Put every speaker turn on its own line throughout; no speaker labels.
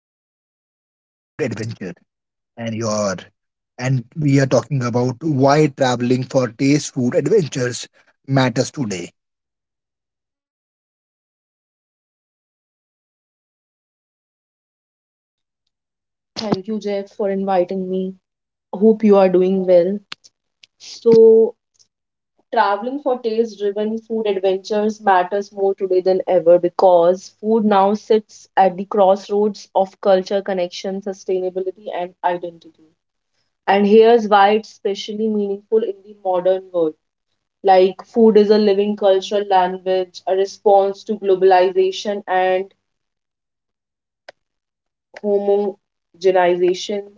traveling for taste, food, adventure, and your and we are talking about why traveling for taste, food, adventures matters today.
Thank you, Jeff, for inviting me. Hope you are doing well. So, Traveling for taste driven food adventures matters more today than ever because food now sits at the crossroads of culture, connection, sustainability, and identity. And here's why it's especially meaningful in the modern world. Like, food is a living cultural language, a response to globalization and homogenization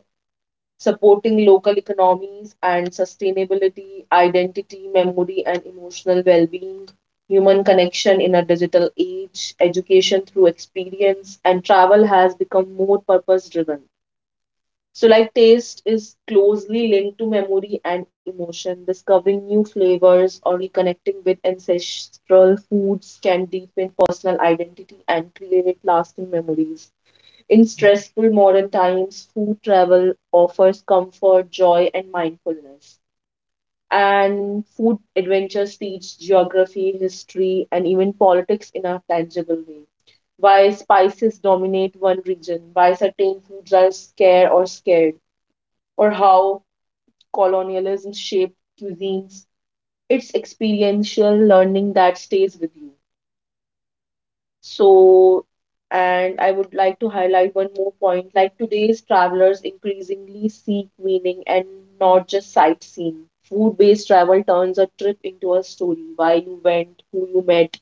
supporting local economies and sustainability, identity, memory, and emotional well being, human connection in a digital age, education through experience, and travel has become more purpose driven. So, like taste is closely linked to memory and emotion. Discovering new flavors or reconnecting with ancestral foods can deepen personal identity and create lasting memories. In stressful modern times, food travel offers comfort, joy, and mindfulness. And food adventures teach geography, history, and even politics in a tangible way. Why spices dominate one region, why certain foods are scarce or scared, or how colonialism shaped cuisines. It's experiential learning that stays with you. So, and I would like to highlight one more point, like today's travelers increasingly seek meaning and not just sightseeing. Food based travel turns a trip into a story, why you went, who you met,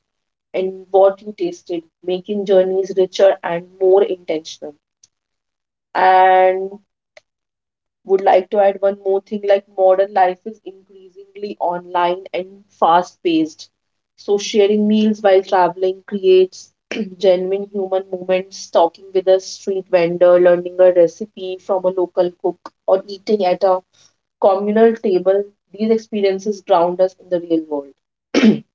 and what you tasted, making journeys richer and more intentional. And would like to add one more thing, like modern life is increasingly online and fast paced. So, sharing meals while traveling creates genuine human moments, talking with a street vendor, learning a recipe from a local cook, or eating at a communal table. These experiences ground us in the real world.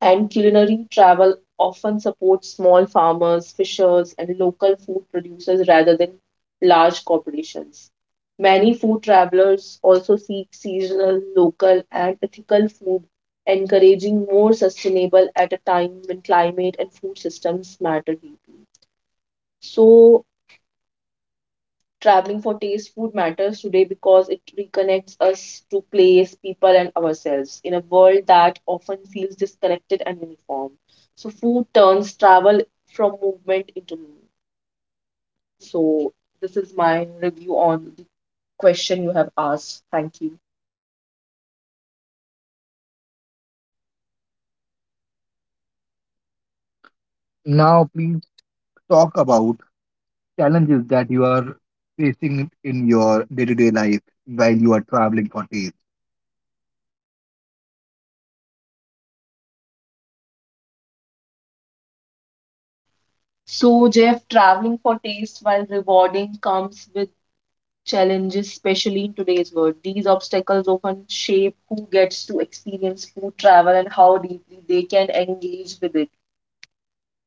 And culinary travel often supports small farmers, fishers, and local food producers rather than large corporations. Many food travelers also seek seasonal, local, and ethical food, encouraging more sustainable at a time when climate and food systems matter deeply. So, Traveling for taste food matters today because it reconnects us to place, people, and ourselves in a world that often feels disconnected and uniform. So, food turns travel from movement into meaning. So, this is my review on the question you have asked. Thank you.
Now please talk about challenges that you are facing in your day-to-day life while you are traveling for taste.
So, Jeff, traveling for taste while rewarding comes with challenges, especially in today's world. These obstacles often shape who gets to experience food travel and how deeply they can engage with it.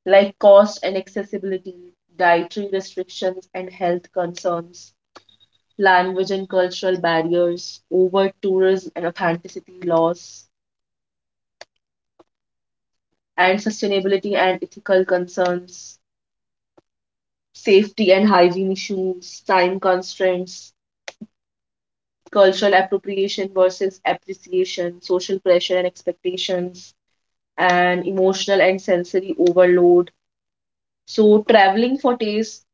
Like cost and accessibility, dietary restrictions and health concerns, language and cultural barriers, over tourism and authenticity laws, and sustainability and ethical concerns, safety and hygiene issues, time constraints, cultural appropriation versus appreciation, social pressure and expectations, and emotional and sensory overload. So, traveling for taste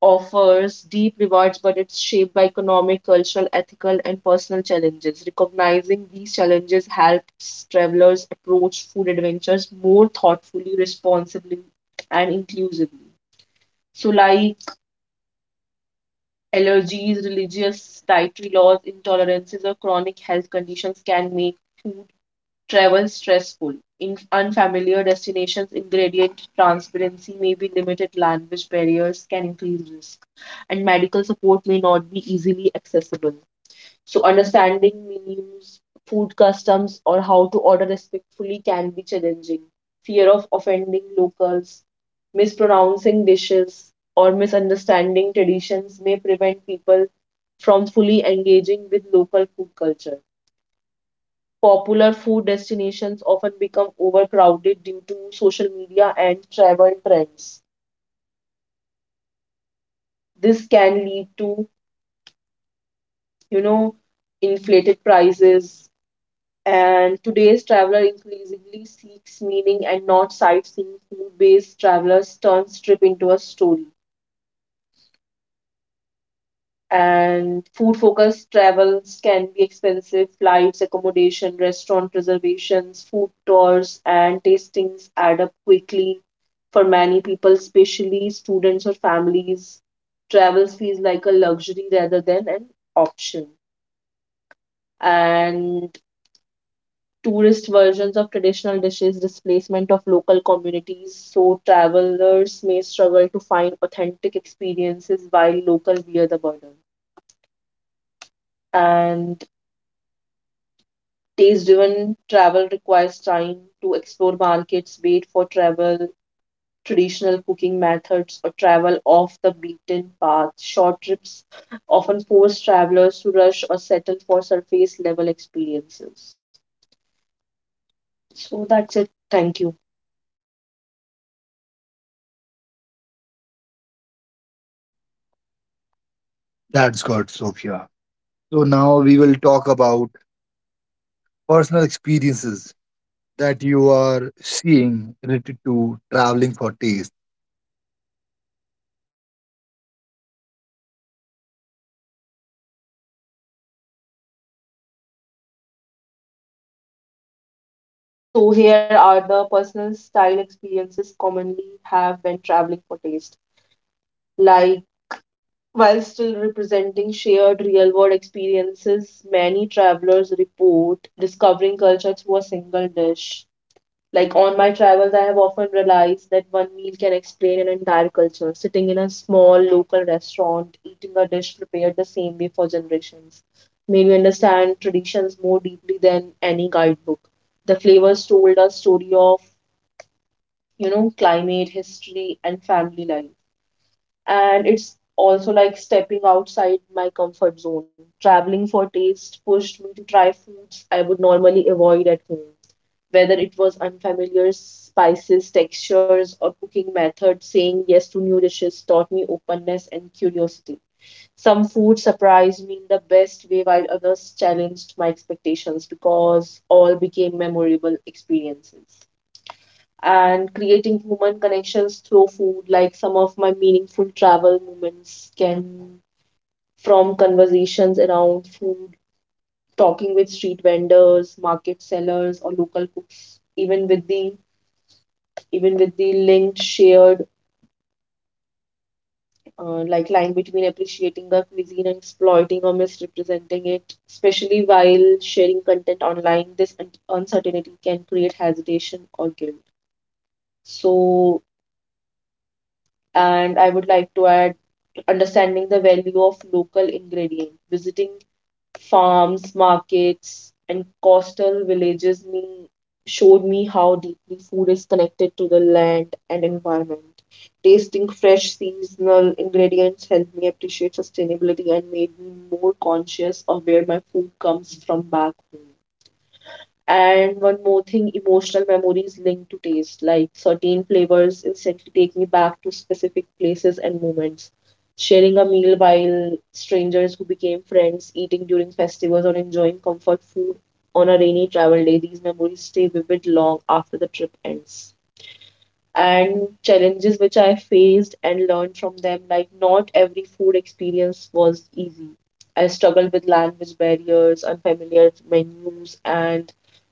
offers deep rewards, but it's shaped by economic, cultural, ethical, and personal challenges. Recognizing these challenges helps travelers approach food adventures more thoughtfully, responsibly, and inclusively. So, like allergies, religious dietary laws, intolerances, or chronic health conditions can make food travel stressful. In unfamiliar destinations, ingredient transparency may be limited, language barriers can increase risk, and medical support may not be easily accessible. So, understanding menus, food customs, or how to order respectfully can be challenging. Fear of offending locals, mispronouncing dishes, or misunderstanding traditions may prevent people from fully engaging with local food culture. Popular food destinations often become overcrowded due to social media and travel trends. This can lead to, you know, inflated prices. And today's traveler increasingly seeks meaning and not sightseeing. Food-based travelers turn trip into a story. And food focused travels can be expensive, flights, accommodation, restaurant reservations, food tours and tastings add up quickly. For many people, especially students or families, travels feels like a luxury rather than an option. And tourist versions of traditional dishes, displacement of local communities, so travelers may struggle to find authentic experiences while local bear the burden. And taste-driven travel requires time to explore markets, wait for travel, traditional cooking methods, or travel off the beaten path. Short trips often force travelers to rush or settle for surface level experiences. So that's it. Thank you.
That's good, Sophia. So now we will talk about personal experiences that you are seeing related to traveling for taste.
So here are the personal style experiences commonly have when traveling for taste, like while still representing shared real world experiences, many travelers report discovering culture through a single dish. Like on my travels, I have often realized that one meal can explain an entire culture. Sitting in a small local restaurant, eating a dish prepared the same way for generations, made me understand traditions more deeply than any guidebook. The flavors told a story of, climate, history, and family life. And it's also like stepping outside my comfort zone. Traveling for taste pushed me to try foods I would normally avoid at home, whether it was unfamiliar spices, textures, or cooking methods. Saying yes to new dishes taught me openness and curiosity. Some food surprised me in the best way, while others challenged my expectations because all became memorable experiences. And creating human connections through food, like some of my meaningful travel moments can from conversations around food, talking with street vendors, market sellers, or local cooks, even with the linked shared like line between appreciating the cuisine and exploiting or misrepresenting it, especially while sharing content online, this uncertainty can create hesitation or guilt. So, and I would like to add, understanding the value of local ingredients, visiting farms, markets, and coastal villages me showed me how deeply food is connected to the land and environment. Tasting fresh seasonal ingredients helped me appreciate sustainability and made me more conscious of where my food comes from back home. And one more thing, emotional memories linked to taste, like certain flavors instantly take me back to specific places and moments. Sharing a meal while strangers who became friends, eating during festivals, or enjoying comfort food on a rainy travel day, these memories stay vivid long after the trip ends. And challenges which I faced and learned from them. Like, not every food experience was easy. I struggled with language barriers, unfamiliar menus, and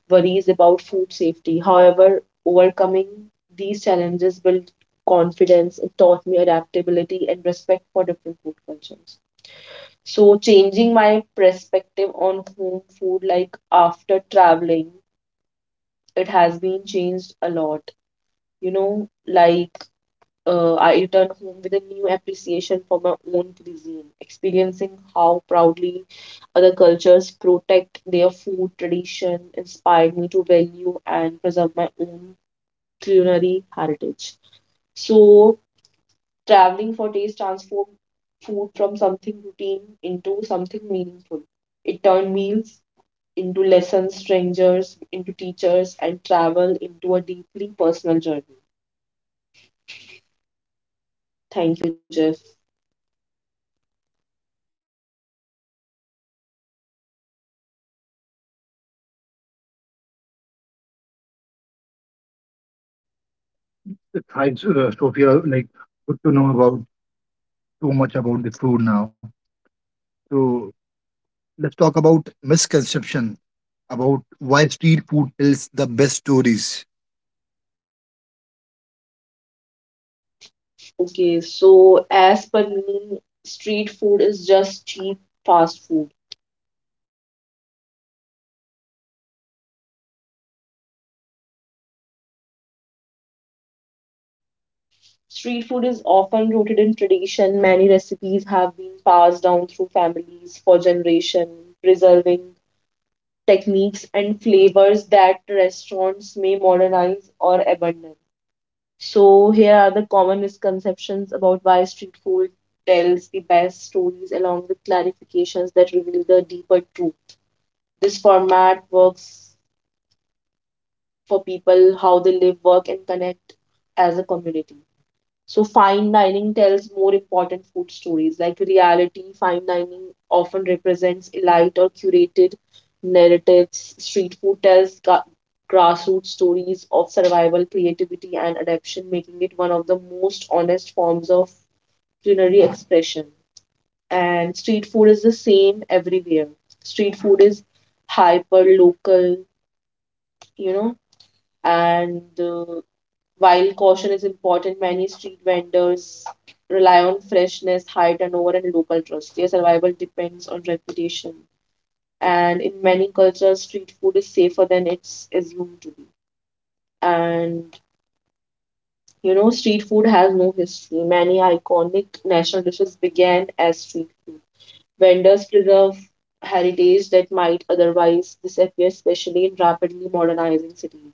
worries about food safety. However, overcoming these challenges built confidence, it taught me adaptability and respect for different food cultures. So, changing my perspective on home food, like after traveling, it has been changed a lot. You know, like I returned home with a new appreciation for my own cuisine, experiencing how proudly other cultures protect their food tradition inspired me to value and preserve my own culinary heritage. So, traveling for taste transformed food from something routine into something meaningful. It turned meals into lessons, strangers into teachers, and travel into a deeply personal journey. Thank you, Jeff.
Hi, Sophia. Like, good to know about so much about the food now. So let's talk about misconception about why street food tells the best stories.
Okay, so as per me, street food is just cheap fast food. Street food is often rooted in tradition. Many recipes have been passed down through families for generation, preserving techniques and flavors that restaurants may modernize or abandon. So here are the common misconceptions about why street food tells the best stories along with clarifications that reveal the deeper truth. This format works for people how they live, work, and connect as a community. So, fine dining tells more important food stories. Like reality, fine dining often represents elite or curated narratives. Street food tells grassroots stories of survival, creativity, and adaptation, making it one of the most honest forms of culinary expression. And street food is the same everywhere. Street food is hyper local, you know, and while caution is important, many street vendors rely on freshness, high turnover, and local trust. Their survival depends on reputation. And in many cultures, street food is safer than it's assumed to be. And you know, street food has no history. Many iconic national dishes began as street food. Vendors preserve heritage that might otherwise disappear, especially in rapidly modernizing cities.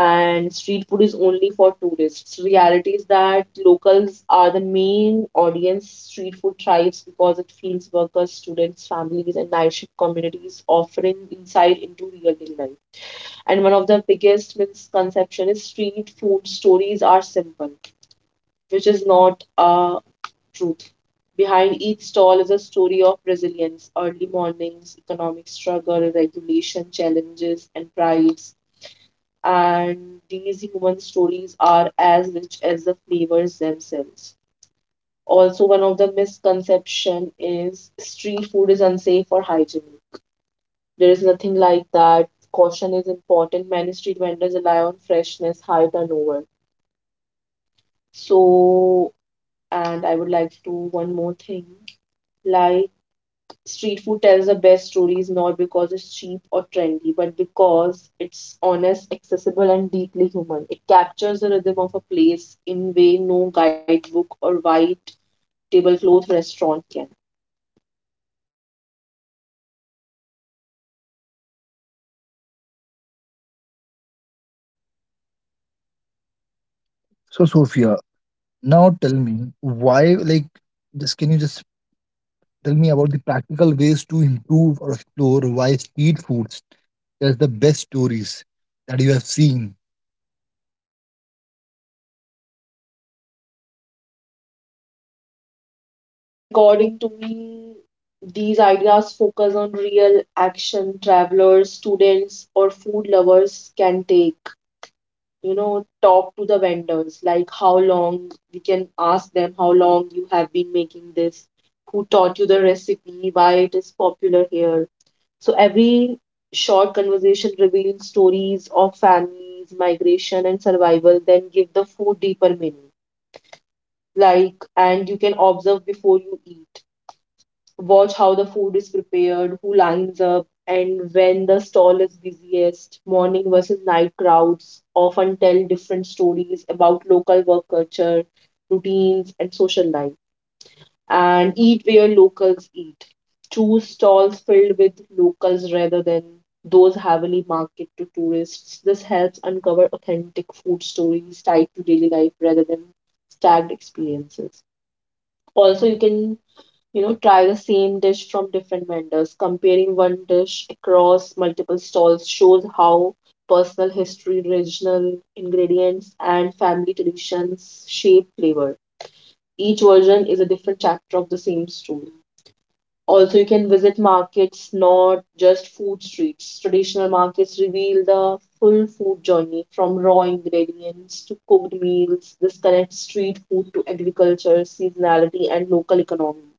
And street food is only for tourists. Reality is that locals are the main audience. Street food thrives because it feeds workers, students, families, and night shift communities, offering insight into real day life. And one of the biggest misconceptions is street food stories are simple, which is not a truth. Behind each stall is a story of resilience, early mornings, economic struggle, regulation challenges, and pride, and these human stories are as rich as the flavors themselves. Also, one of the misconception is street food is unsafe or hygienic. There is nothing like that. Caution is important. Many street vendors rely on freshness, high turnover. So, and I would like to do one more thing, like street food tells the best stories not because it's cheap or trendy, but because it's honest, accessible, and deeply human. It captures the rhythm of a place in way no guidebook or white tablecloth restaurant can.
So, Sophia, now tell me why. Like, just can you just tell me about the practical ways to improve or explore why street foods tells the best stories that you have seen.
So, according to me, these ideas focus on real action travelers, students, or food lovers can take. Talk to the vendors, like how long, we can ask them how long you have been making this, who taught you the recipe, why it is popular here. So every short conversation reveals stories of families, migration, and survival, then give the food deeper meaning. Like and you can observe before you eat. Watch how the food is prepared, who lines up, and when the stall is busiest. Morning versus night crowds often tell different stories about local work culture, routines, and social life. And eat where locals eat. Choose stalls filled with locals rather than those heavily marketed to tourists. This helps uncover authentic food stories tied to daily life rather than stacked experiences. Also, you can try the same dish from different vendors. Comparing one dish across multiple stalls shows how personal history, regional ingredients, and family traditions shape flavor. Each version is a different chapter of the same story. Also, you can visit markets, not just food streets. Traditional markets reveal the full food journey from raw ingredients to cooked meals. This connects street food to agriculture, seasonality, and local economy.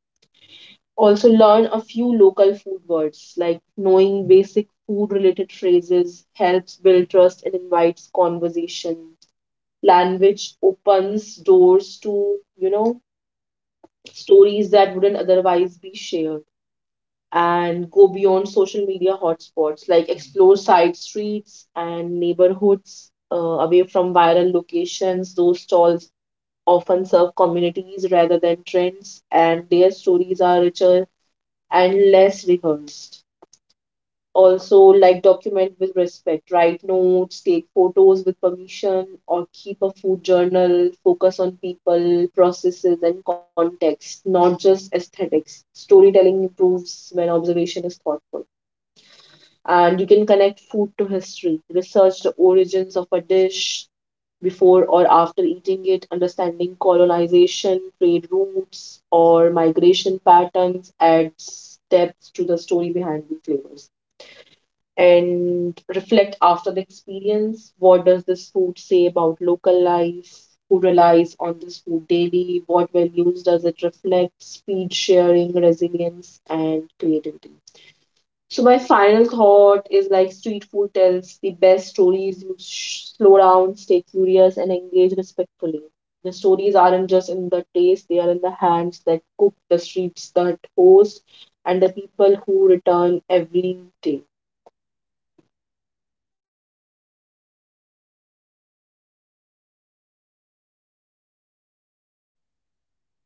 Also, learn a few local food words. Like knowing basic food related phrases helps build trust and invites conversation. Language opens doors to stories that wouldn't otherwise be shared. And go beyond social media hotspots. Like explore side streets and neighborhoods away from viral locations. Those stalls often serve communities rather than trends, and their stories are richer and less rehearsed. Also, like document with respect. Write notes, take photos with permission, or keep a food journal. Focus on people, processes, and context, not just aesthetics. Storytelling improves when observation is thoughtful. And you can connect food to history. Research the origins of a dish before or after eating it. Understanding colonization, trade routes, or migration patterns adds depth to the story behind the flavors. And reflect after the experience. What does this food say about local life? Who relies on this food daily? What values does it reflect? Speed, sharing, resilience, and creativity. So my final thought is, like street food tells the best stories. Slow down, stay curious, and engage respectfully. The stories aren't just in the taste; they are in the hands that cook, the streets that host, and the people who return every day.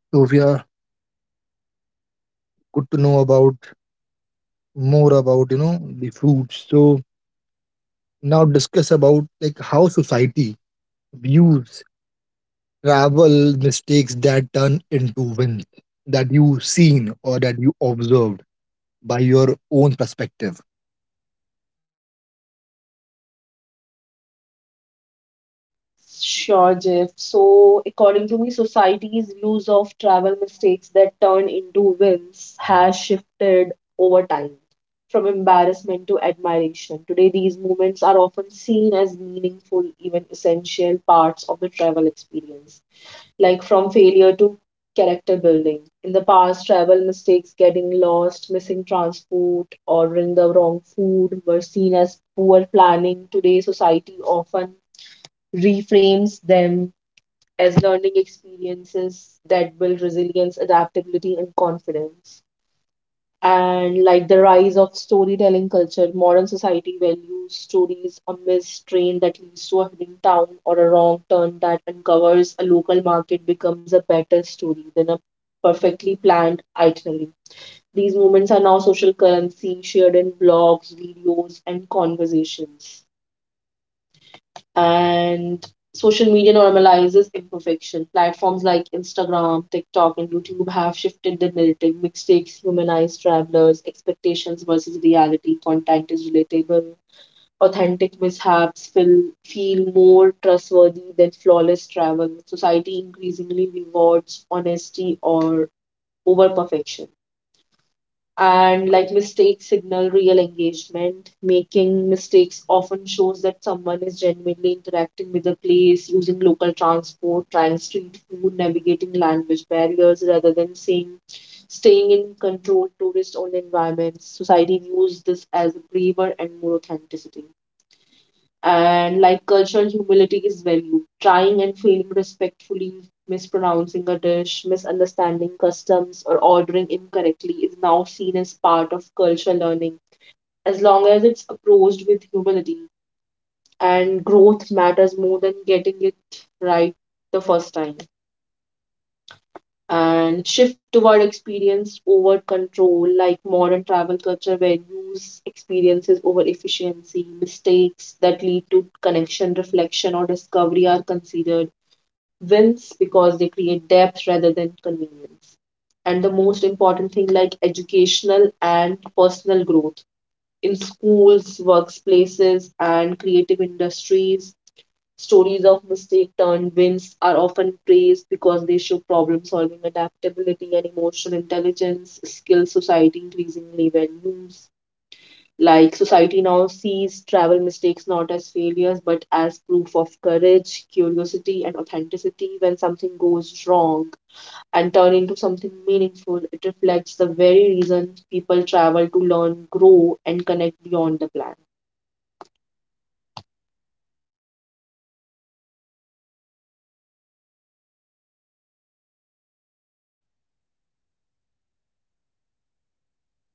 Sophia, good to know about more about, you know, the foods. So now discuss about like how society views travel mistakes that turn into wins that you seen or that you observed by your own perspective.
Sure, Jeff. So, according to me, society's views of travel mistakes that turn into wins has shifted over time from embarrassment to admiration. Today, these moments are often seen as meaningful, even essential parts of the travel experience, like from failure to character building. In the past, travel mistakes, getting lost, missing transport, ordering the wrong food, were seen as poor planning. Today, society often reframes them as learning experiences that build resilience, adaptability, and confidence. And like the rise of storytelling culture, modern society values stories. A missed train that leads to a hidden town, or a wrong turn that uncovers a local market, becomes a better story than a perfectly planned itinerary. These moments are now social currency, shared in blogs, videos, and conversations. And social media normalizes imperfection. Platforms like Instagram, TikTok, and YouTube have shifted the narrative. Mistakes humanize travelers. Expectations versus reality, content is relatable. Authentic mishaps feel more trustworthy than flawless travel. Society increasingly rewards honesty or over perfection. And like mistakes signal real engagement. Making mistakes often shows that someone is genuinely interacting with the place, using local transport, trying street food, navigating language barriers, rather than saying staying in controlled tourist only environments. Society views this as braver and more authenticity. And like cultural humility is valued. Trying and failing respectfully, mispronouncing a dish, misunderstanding customs, or ordering incorrectly is now seen as part of cultural learning. As long as it's approached with humility, and growth matters more than getting it right the first time. And shift toward experience over control, like modern travel culture values experiences over efficiency. Mistakes that lead to connection, reflection, or discovery are considered wins because they create depth rather than convenience. And the most important thing, like educational and personal growth in schools, workplaces, and creative industries. Stories of mistake turned wins are often praised because they show problem solving, adaptability, and emotional intelligence skills society increasingly values. Like society now sees travel mistakes not as failures but as proof of courage, curiosity, and authenticity. When something goes wrong and turn into something meaningful, it reflects the very reason people travel, to learn, grow, and connect beyond the plan.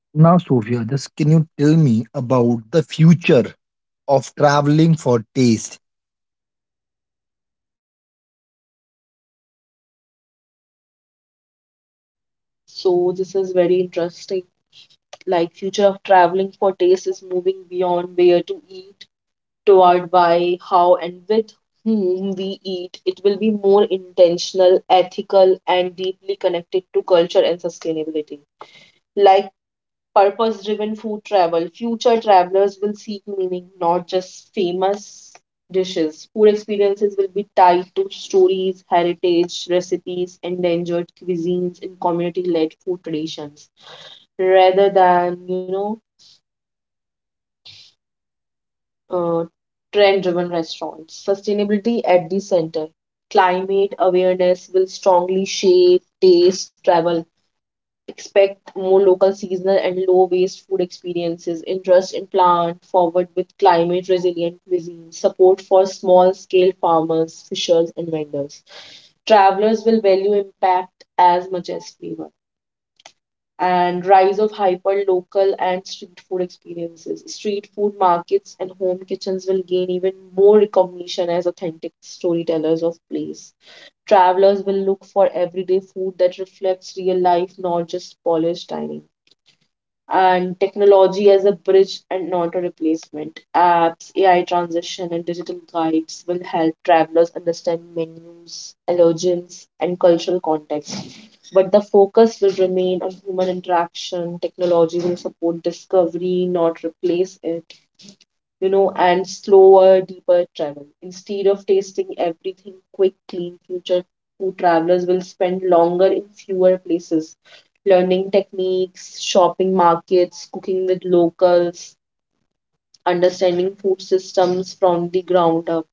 Now, Sophia, just can you tell me about the future of traveling for taste?
So, this is very interesting. Like future of traveling for taste is moving beyond where to eat toward why, how, and with whom we eat. It will be more intentional, ethical, and deeply connected to culture and sustainability. Like purpose driven food travel, future travelers will seek meaning, not just famous dishes. Food experiences will be tied to stories, heritage recipes, endangered cuisines, and community led food traditions rather than uh, trend driven restaurants. Sustainability at the center. Climate awareness will strongly shape taste, travel. Expect more local, seasonal, and low waste food experiences. Interest in plant forward with climate resilient cuisine. Support for small scale farmers, fishers, and vendors. Travelers will value impact as much as flavor. And rise of hyper local and street food experiences. Street food markets and home kitchens will gain even more recognition as authentic storytellers of place. Travelers will look for everyday food that reflects real life, not just polished dining. And technology as a bridge and not a replacement. Apps, AI transition, and digital guides will help travelers understand menus, allergens, and cultural context. But the focus will remain on human interaction. Technology will support discovery, not replace it. And slower, deeper travel. Instead of tasting everything quickly, future food travelers will spend longer in fewer places, learning techniques, shopping markets, cooking with locals, understanding food systems from the ground up.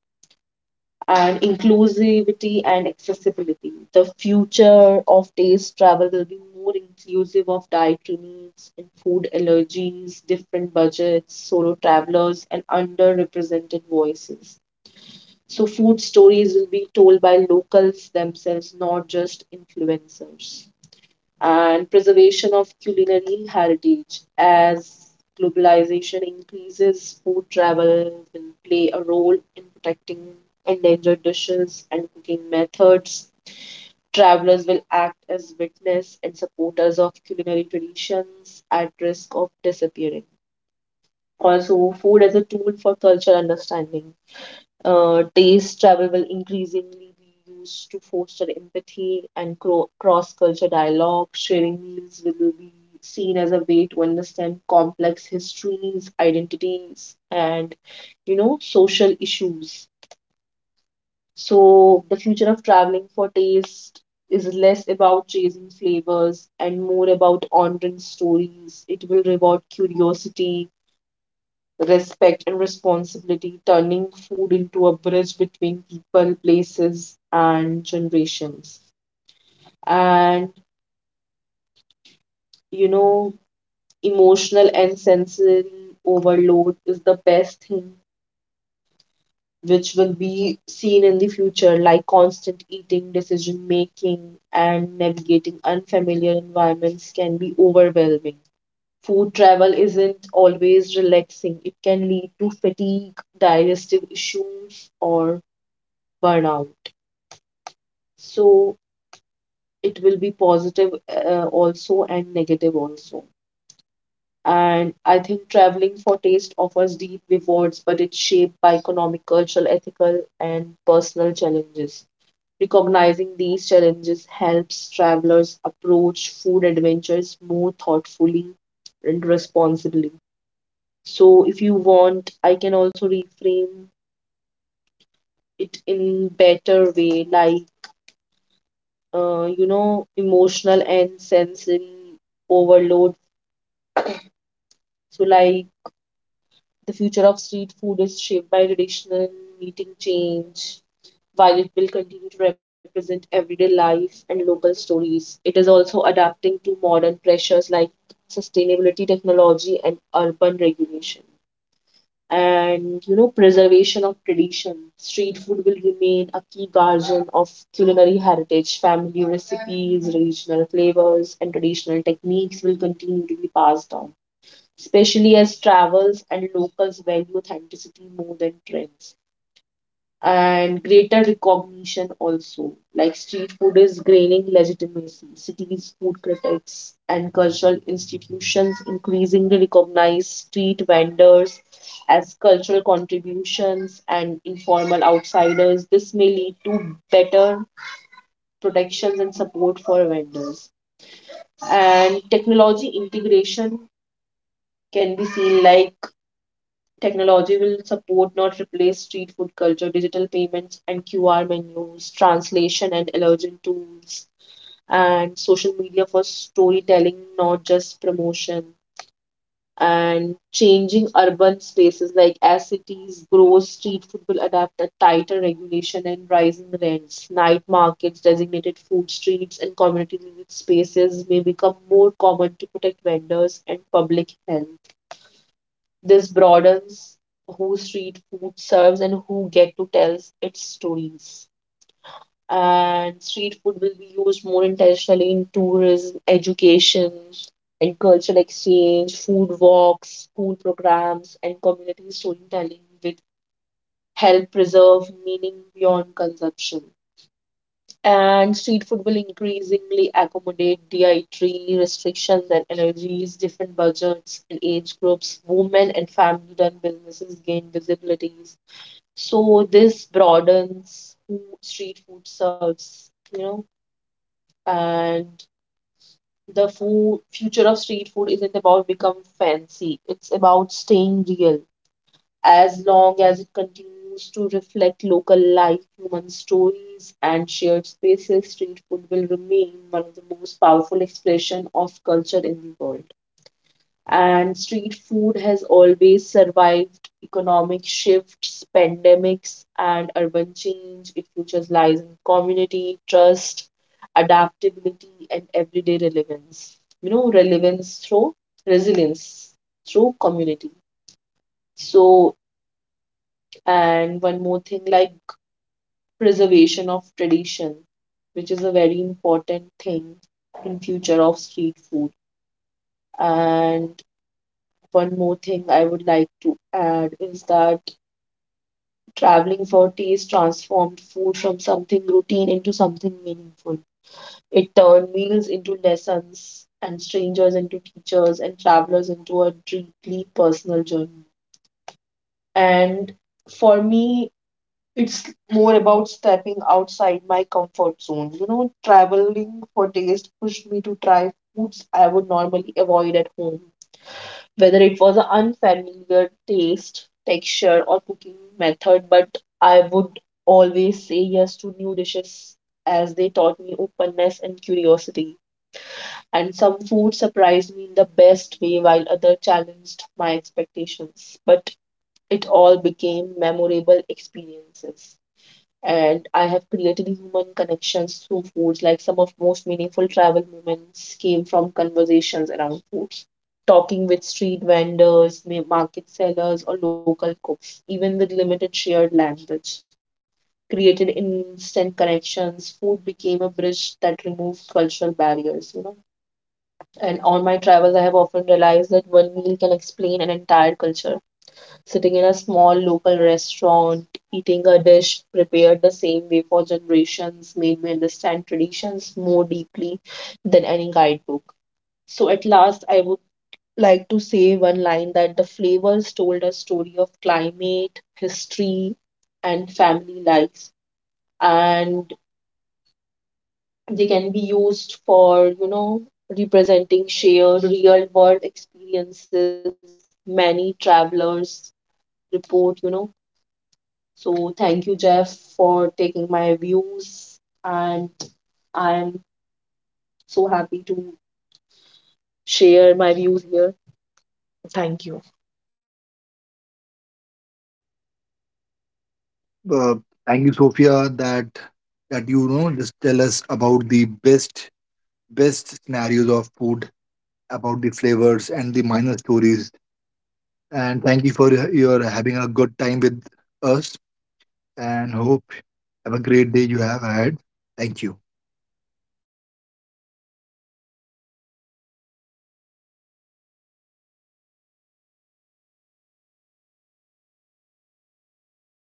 And inclusivity and accessibility. The future of taste travel will be more inclusive of dietary needs and food allergies, different budgets, solo travelers, and underrepresented voices. So, food stories will be told by locals themselves, not just influencers. And preservation of culinary heritage. As globalization increases, food travel will play a role in protecting endangered dishes and cooking methods. Travelers will act as witness and supporters of culinary traditions at risk of disappearing. Also, food as a tool for cultural understanding. Taste travel will increasingly be used to foster empathy and cross-culture dialogue. Sharing meals will be seen as a way to understand complex histories, identities, and social issues. So the future of traveling for taste is less about chasing flavors and more about honoring stories. It will reward curiosity, respect, and responsibility, turning food into a bridge between people, places, and generations. And you know, Emotional and sensory overload is the best thing which will be seen in the future, like constant eating, decision making, and navigating unfamiliar environments can be overwhelming. Food travel isn't always relaxing, it can lead to fatigue, digestive issues, or burnout. So it will be positive also and negative also. And I think traveling for taste offers deep rewards, but it's shaped by economic, cultural, ethical, and personal challenges. Recognizing these challenges helps travelers approach food adventures more thoughtfully and responsibly. So if you want, I can also reframe it in better way, like emotional and sensory overload. So, like the future of street food is shaped by traditional meeting change. While it will continue to represent everyday life and local stories, it is also adapting to modern pressures like sustainability, technology, and urban regulation. Preservation of tradition. Street food will remain a key guardian of culinary heritage. Family recipes, regional flavors, and traditional techniques will continue to be passed down, especially as travels and locals value authenticity more than trends. And greater recognition also, like street food is gaining legitimacy. Cities, food critics, and cultural institutions increasingly recognize street vendors as cultural contributions and informal outsiders. This may lead to better protections and support for vendors. And technology integration can be seen like technology will support, not replace, street food culture. Digital payments and QR menus, translation and allergen tools, and social media for storytelling, not just promotion. And changing urban spaces, like as cities grow, street food will adapt a tighter regulation and rising rents. Night markets, designated food streets, and community living spaces may become more common to protect vendors and public health. This broadens who street food serves and who get to tell its stories. And street food will be used more intentionally in tourism, education, and cultural exchange. Food walks, school programs, and community storytelling, which help preserve meaning beyond consumption. And street food will increasingly accommodate dietary restrictions and allergies, different budgets and age groups, women and family-run businesses gain visibilities. So this broadens who street food serves. And the food future of street food isn't about become fancy. It's about staying real. As long as it continues to reflect local life, human stories, and shared spaces, street food will remain one of the most powerful expression of culture in the world. And street food has always survived economic shifts, pandemics, and urban change. Its future lies in community, trust, adaptability, and everyday relevance through resilience, through community. So and one more thing, like preservation of tradition, which is a very important thing in future of street food. And one more thing I would like to add is that traveling for taste transformed food from something routine into something meaningful. It turned meals into lessons and strangers into teachers and travelers into a deeply personal journey. And for me, it's more about stepping outside my comfort zone. Traveling for taste pushed me to try foods I would normally avoid at home, whether it was an unfamiliar taste, texture, or cooking method, but I would always say yes to new dishes as they taught me openness and curiosity. And some food surprised me in the best way, while other challenged my expectations. But it all became memorable experiences. And I have created human connections through foods. Like some of most meaningful travel moments came from conversations around foods, talking with street vendors, market sellers, or local cooks, even with limited shared language. Created instant connections, food became a bridge that removed cultural barriers. And on my travels, I have often realized that one meal can explain an entire culture, sitting in a small local restaurant, eating a dish prepared the same way for generations, made me understand traditions more deeply than any guidebook. So, at last, I would like to say one line that the flavors told a story of climate, history, and family life, and they can be used for, representing shared real world experiences. Many travelers report, so thank you, Jeff, for taking my views, and I'm so happy to share my views here. Thank you.
Uh, Thank you, Sophia, that just tell us about the best scenarios of food, about the flavors and the minor stories. And thank you for your having a good time with us. And hope have a great day you have had. Thank you.